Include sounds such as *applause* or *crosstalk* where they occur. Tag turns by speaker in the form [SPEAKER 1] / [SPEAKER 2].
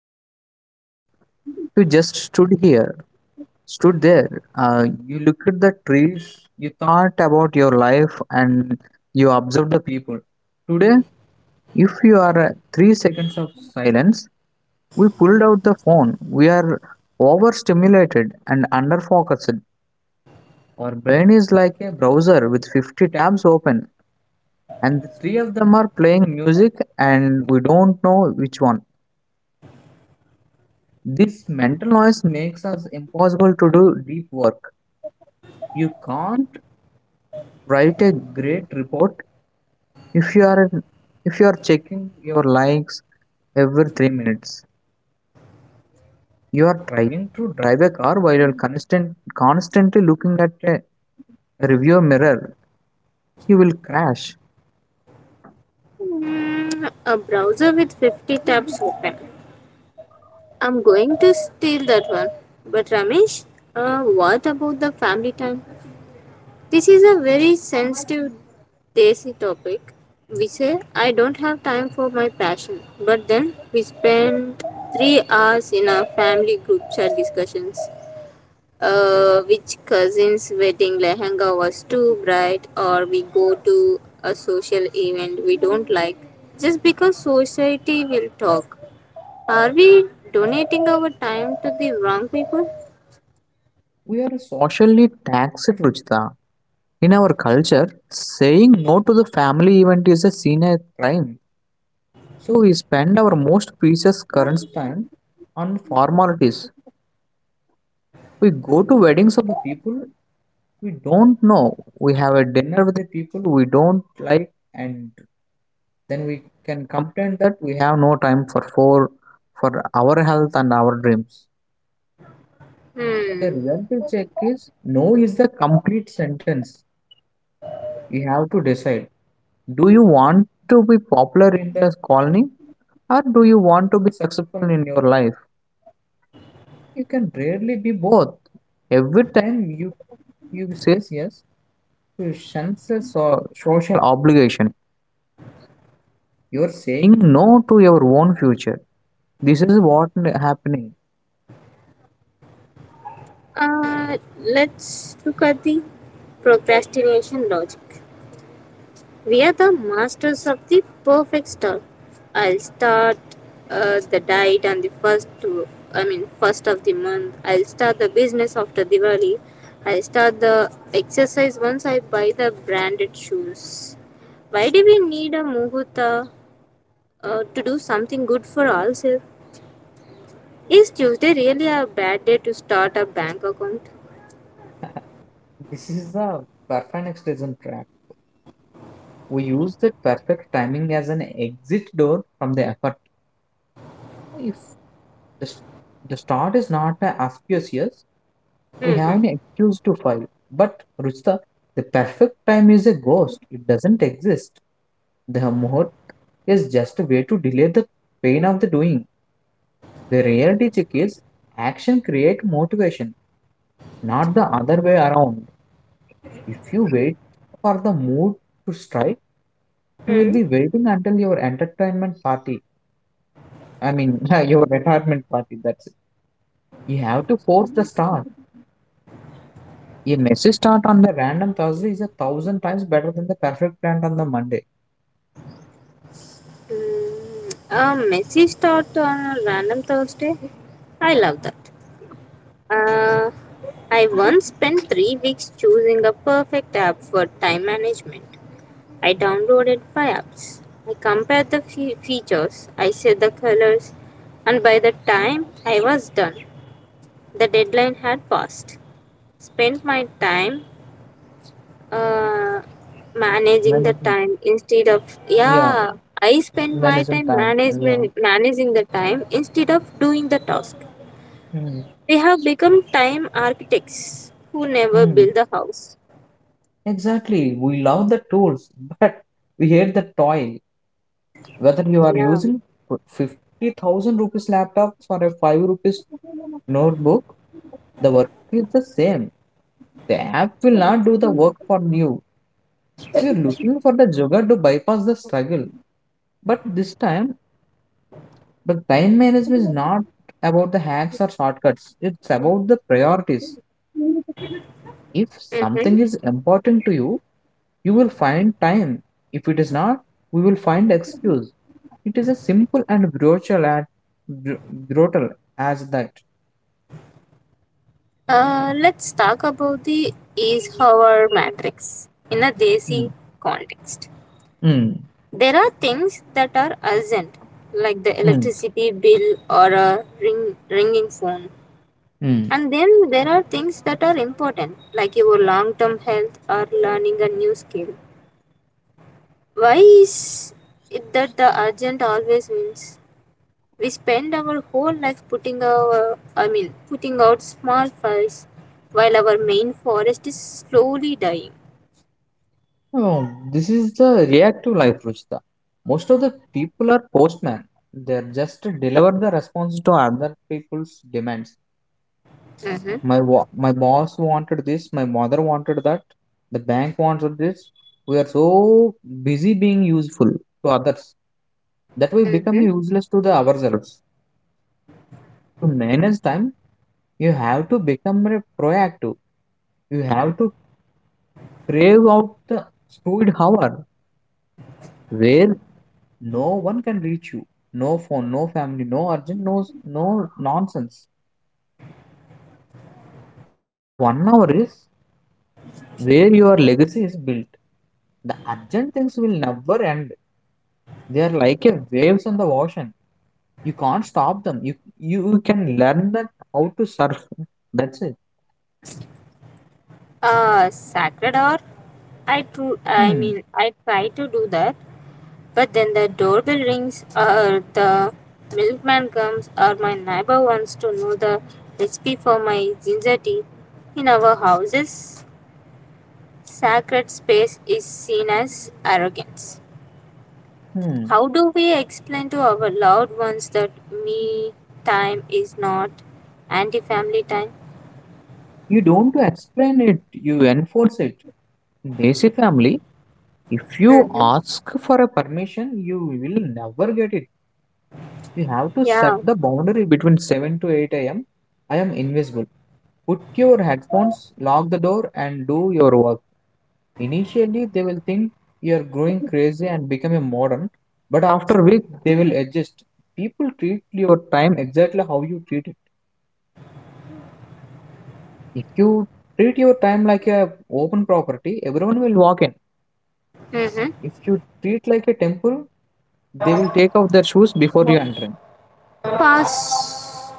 [SPEAKER 1] waiting for a bus, you just stood here, stood there. You looked at the trees, you thought about your life, and you observed the people. Today, if you are 3 seconds of silence, we pulled out the phone. We are overstimulated and underfocused. Our brain is like a browser with 50 tabs open and the three of them are playing music and we don't know which one. This mental noise makes us impossible to do deep work. You can't write a great report if you are if you are checking your likes every 3 minutes. You are trying to drive a car while you're constantly looking at a review mirror. You will crash.
[SPEAKER 2] Mm, a browser with 50 tabs open. I'm going to steal that one. But Ramesh, what about the family time? This is a very sensitive desi topic. We say I don't have time for my passion, but then we spend 3 hours in our family group chat discussions which cousin's wedding lehenga was too bright, or we go to a social event we don't like just because society will talk. Are we donating our time to the wrong people?
[SPEAKER 1] We are socially taxed, Ruchita. In our culture, saying no to the family event is a seen as crime. So we spend our most precious current time on formalities. We go to weddings of the people we don't know. We have a dinner with the people we don't like, and then we can complain that we have no time for our health and our dreams. The
[SPEAKER 2] Hmm.
[SPEAKER 1] reality check is no is the complete sentence. You have to decide, do you want to be popular in the colony or do you want to be successful in your life? You can rarely be both. Every time you says yes to sense or social obligation, you are saying no to your own future. This is what happening.
[SPEAKER 2] Uh, let's look at the procrastination logic. We are the masters of the perfect start. I'll start the diet on the first, to, I mean, first of the month. I'll start the business after Diwali. I'll start the exercise once I buy the branded shoes. Why do we need a muhurta to do something good for ourselves? Is Tuesday really a bad day to start a bank account?
[SPEAKER 1] *laughs* This is the perfectionism trap. We use the perfect timing as an exit door from the effort. If the, s- the start is not auspicious, we have
[SPEAKER 2] Mm-hmm.
[SPEAKER 1] an excuse to file. But Ruchita, the perfect time is a ghost. It doesn't exist. The muhurt is just a way to delay the pain of the doing. The reality check is action create motivation, not the other way around. If you wait for the mood to strike, you will
[SPEAKER 2] Mm.
[SPEAKER 1] be waiting until your entertainment party. I mean, *laughs* your retirement party. That's it. You have to force the start. A messy start on the random Thursday is a thousand times better than the perfect plan on the Monday.
[SPEAKER 2] Mm. A messy start on a random Thursday? I love that. Uh, I once spent 3 weeks choosing a perfect app for time management. I downloaded 5 apps. I compared the features, I set the colors, and by the time I was done, the deadline had passed. Spent my time uh, managing the
[SPEAKER 1] Managing,
[SPEAKER 2] time instead of,
[SPEAKER 1] yeah,
[SPEAKER 2] yeah. I spent my
[SPEAKER 1] managing
[SPEAKER 2] time
[SPEAKER 1] time, yeah.
[SPEAKER 2] management managing the time instead of doing the task.
[SPEAKER 1] Hmm.
[SPEAKER 2] They have become time architects who never
[SPEAKER 1] Hmm.
[SPEAKER 2] build a house.
[SPEAKER 1] Exactly. We love the tools, *laughs* but we hate the toil. Whether you are
[SPEAKER 2] Yeah.
[SPEAKER 1] using 50,000 rupees laptop or a 5 rupees notebook, the work is the same. The app will not do the work for you. We are looking for the jugger to bypass the struggle. But this time, the time management is not about the hacks or shortcuts. It's about the priorities. If
[SPEAKER 2] Mm-hmm.
[SPEAKER 1] something is important to you, you will find time. If it is not, we will find excuse. It is as simple and brutal, br- brutal as that.
[SPEAKER 2] Let's talk about the is our matrix in a
[SPEAKER 1] Mm,
[SPEAKER 2] Desi context.
[SPEAKER 1] mm,
[SPEAKER 2] There are things that are urgent, like the
[SPEAKER 1] mm,
[SPEAKER 2] electricity bill or a ringing phone.
[SPEAKER 1] mm.
[SPEAKER 2] And then there are things that are important, like your long term health or learning a new skill. Why is it that the urgent always wins? We spend our whole life putting out small fires while our main forest is slowly dying.
[SPEAKER 1] Oh, this is the reactive life, Ruchita. Most of the people are postmen. They just deliver the response to other people's demands.
[SPEAKER 2] Mm-hmm.
[SPEAKER 1] My boss wanted this. My mother wanted that. The bank wanted this. We are so busy being useful to others that we become
[SPEAKER 2] Mm-hmm.
[SPEAKER 1] useless to the ourselves. To manage time, you have to become a proactive. You have to crave out the fluid hour where no one can reach you. No phone, no family, no urgent, no, no nonsense. That one hour is where your legacy is built. The urgent things will never end. They are like a waves on the ocean. You can't stop them. You can learn that how to surf. That's it.
[SPEAKER 2] Sacred hour. I tru- I
[SPEAKER 1] Hmm.
[SPEAKER 2] mean, I try to do that, but then the doorbell rings, or the milkman comes, or my neighbor wants to know the recipe for my ginger tea. In our houses, sacred space is seen as arrogance.
[SPEAKER 1] Hmm.
[SPEAKER 2] How do we explain to our loved ones that me time is not anti family time?
[SPEAKER 1] You don't explain it, you enforce it. In Desi family, if you
[SPEAKER 2] Mm-hmm.
[SPEAKER 1] ask for a permission, you will never get it. You have to set
[SPEAKER 2] Yeah.
[SPEAKER 1] the boundary between 7 to 8 am. I am invisible. Put your headphones, lock the door, and do your work. Initially, they will think you are growing crazy and become a modern, but after a week, they will adjust. People treat your time exactly how you treat it. If you treat your time like a open property, everyone will walk in.
[SPEAKER 2] Mm-hmm.
[SPEAKER 1] If you treat like a temple, they will take off their shoes before you enter.
[SPEAKER 2] Pass.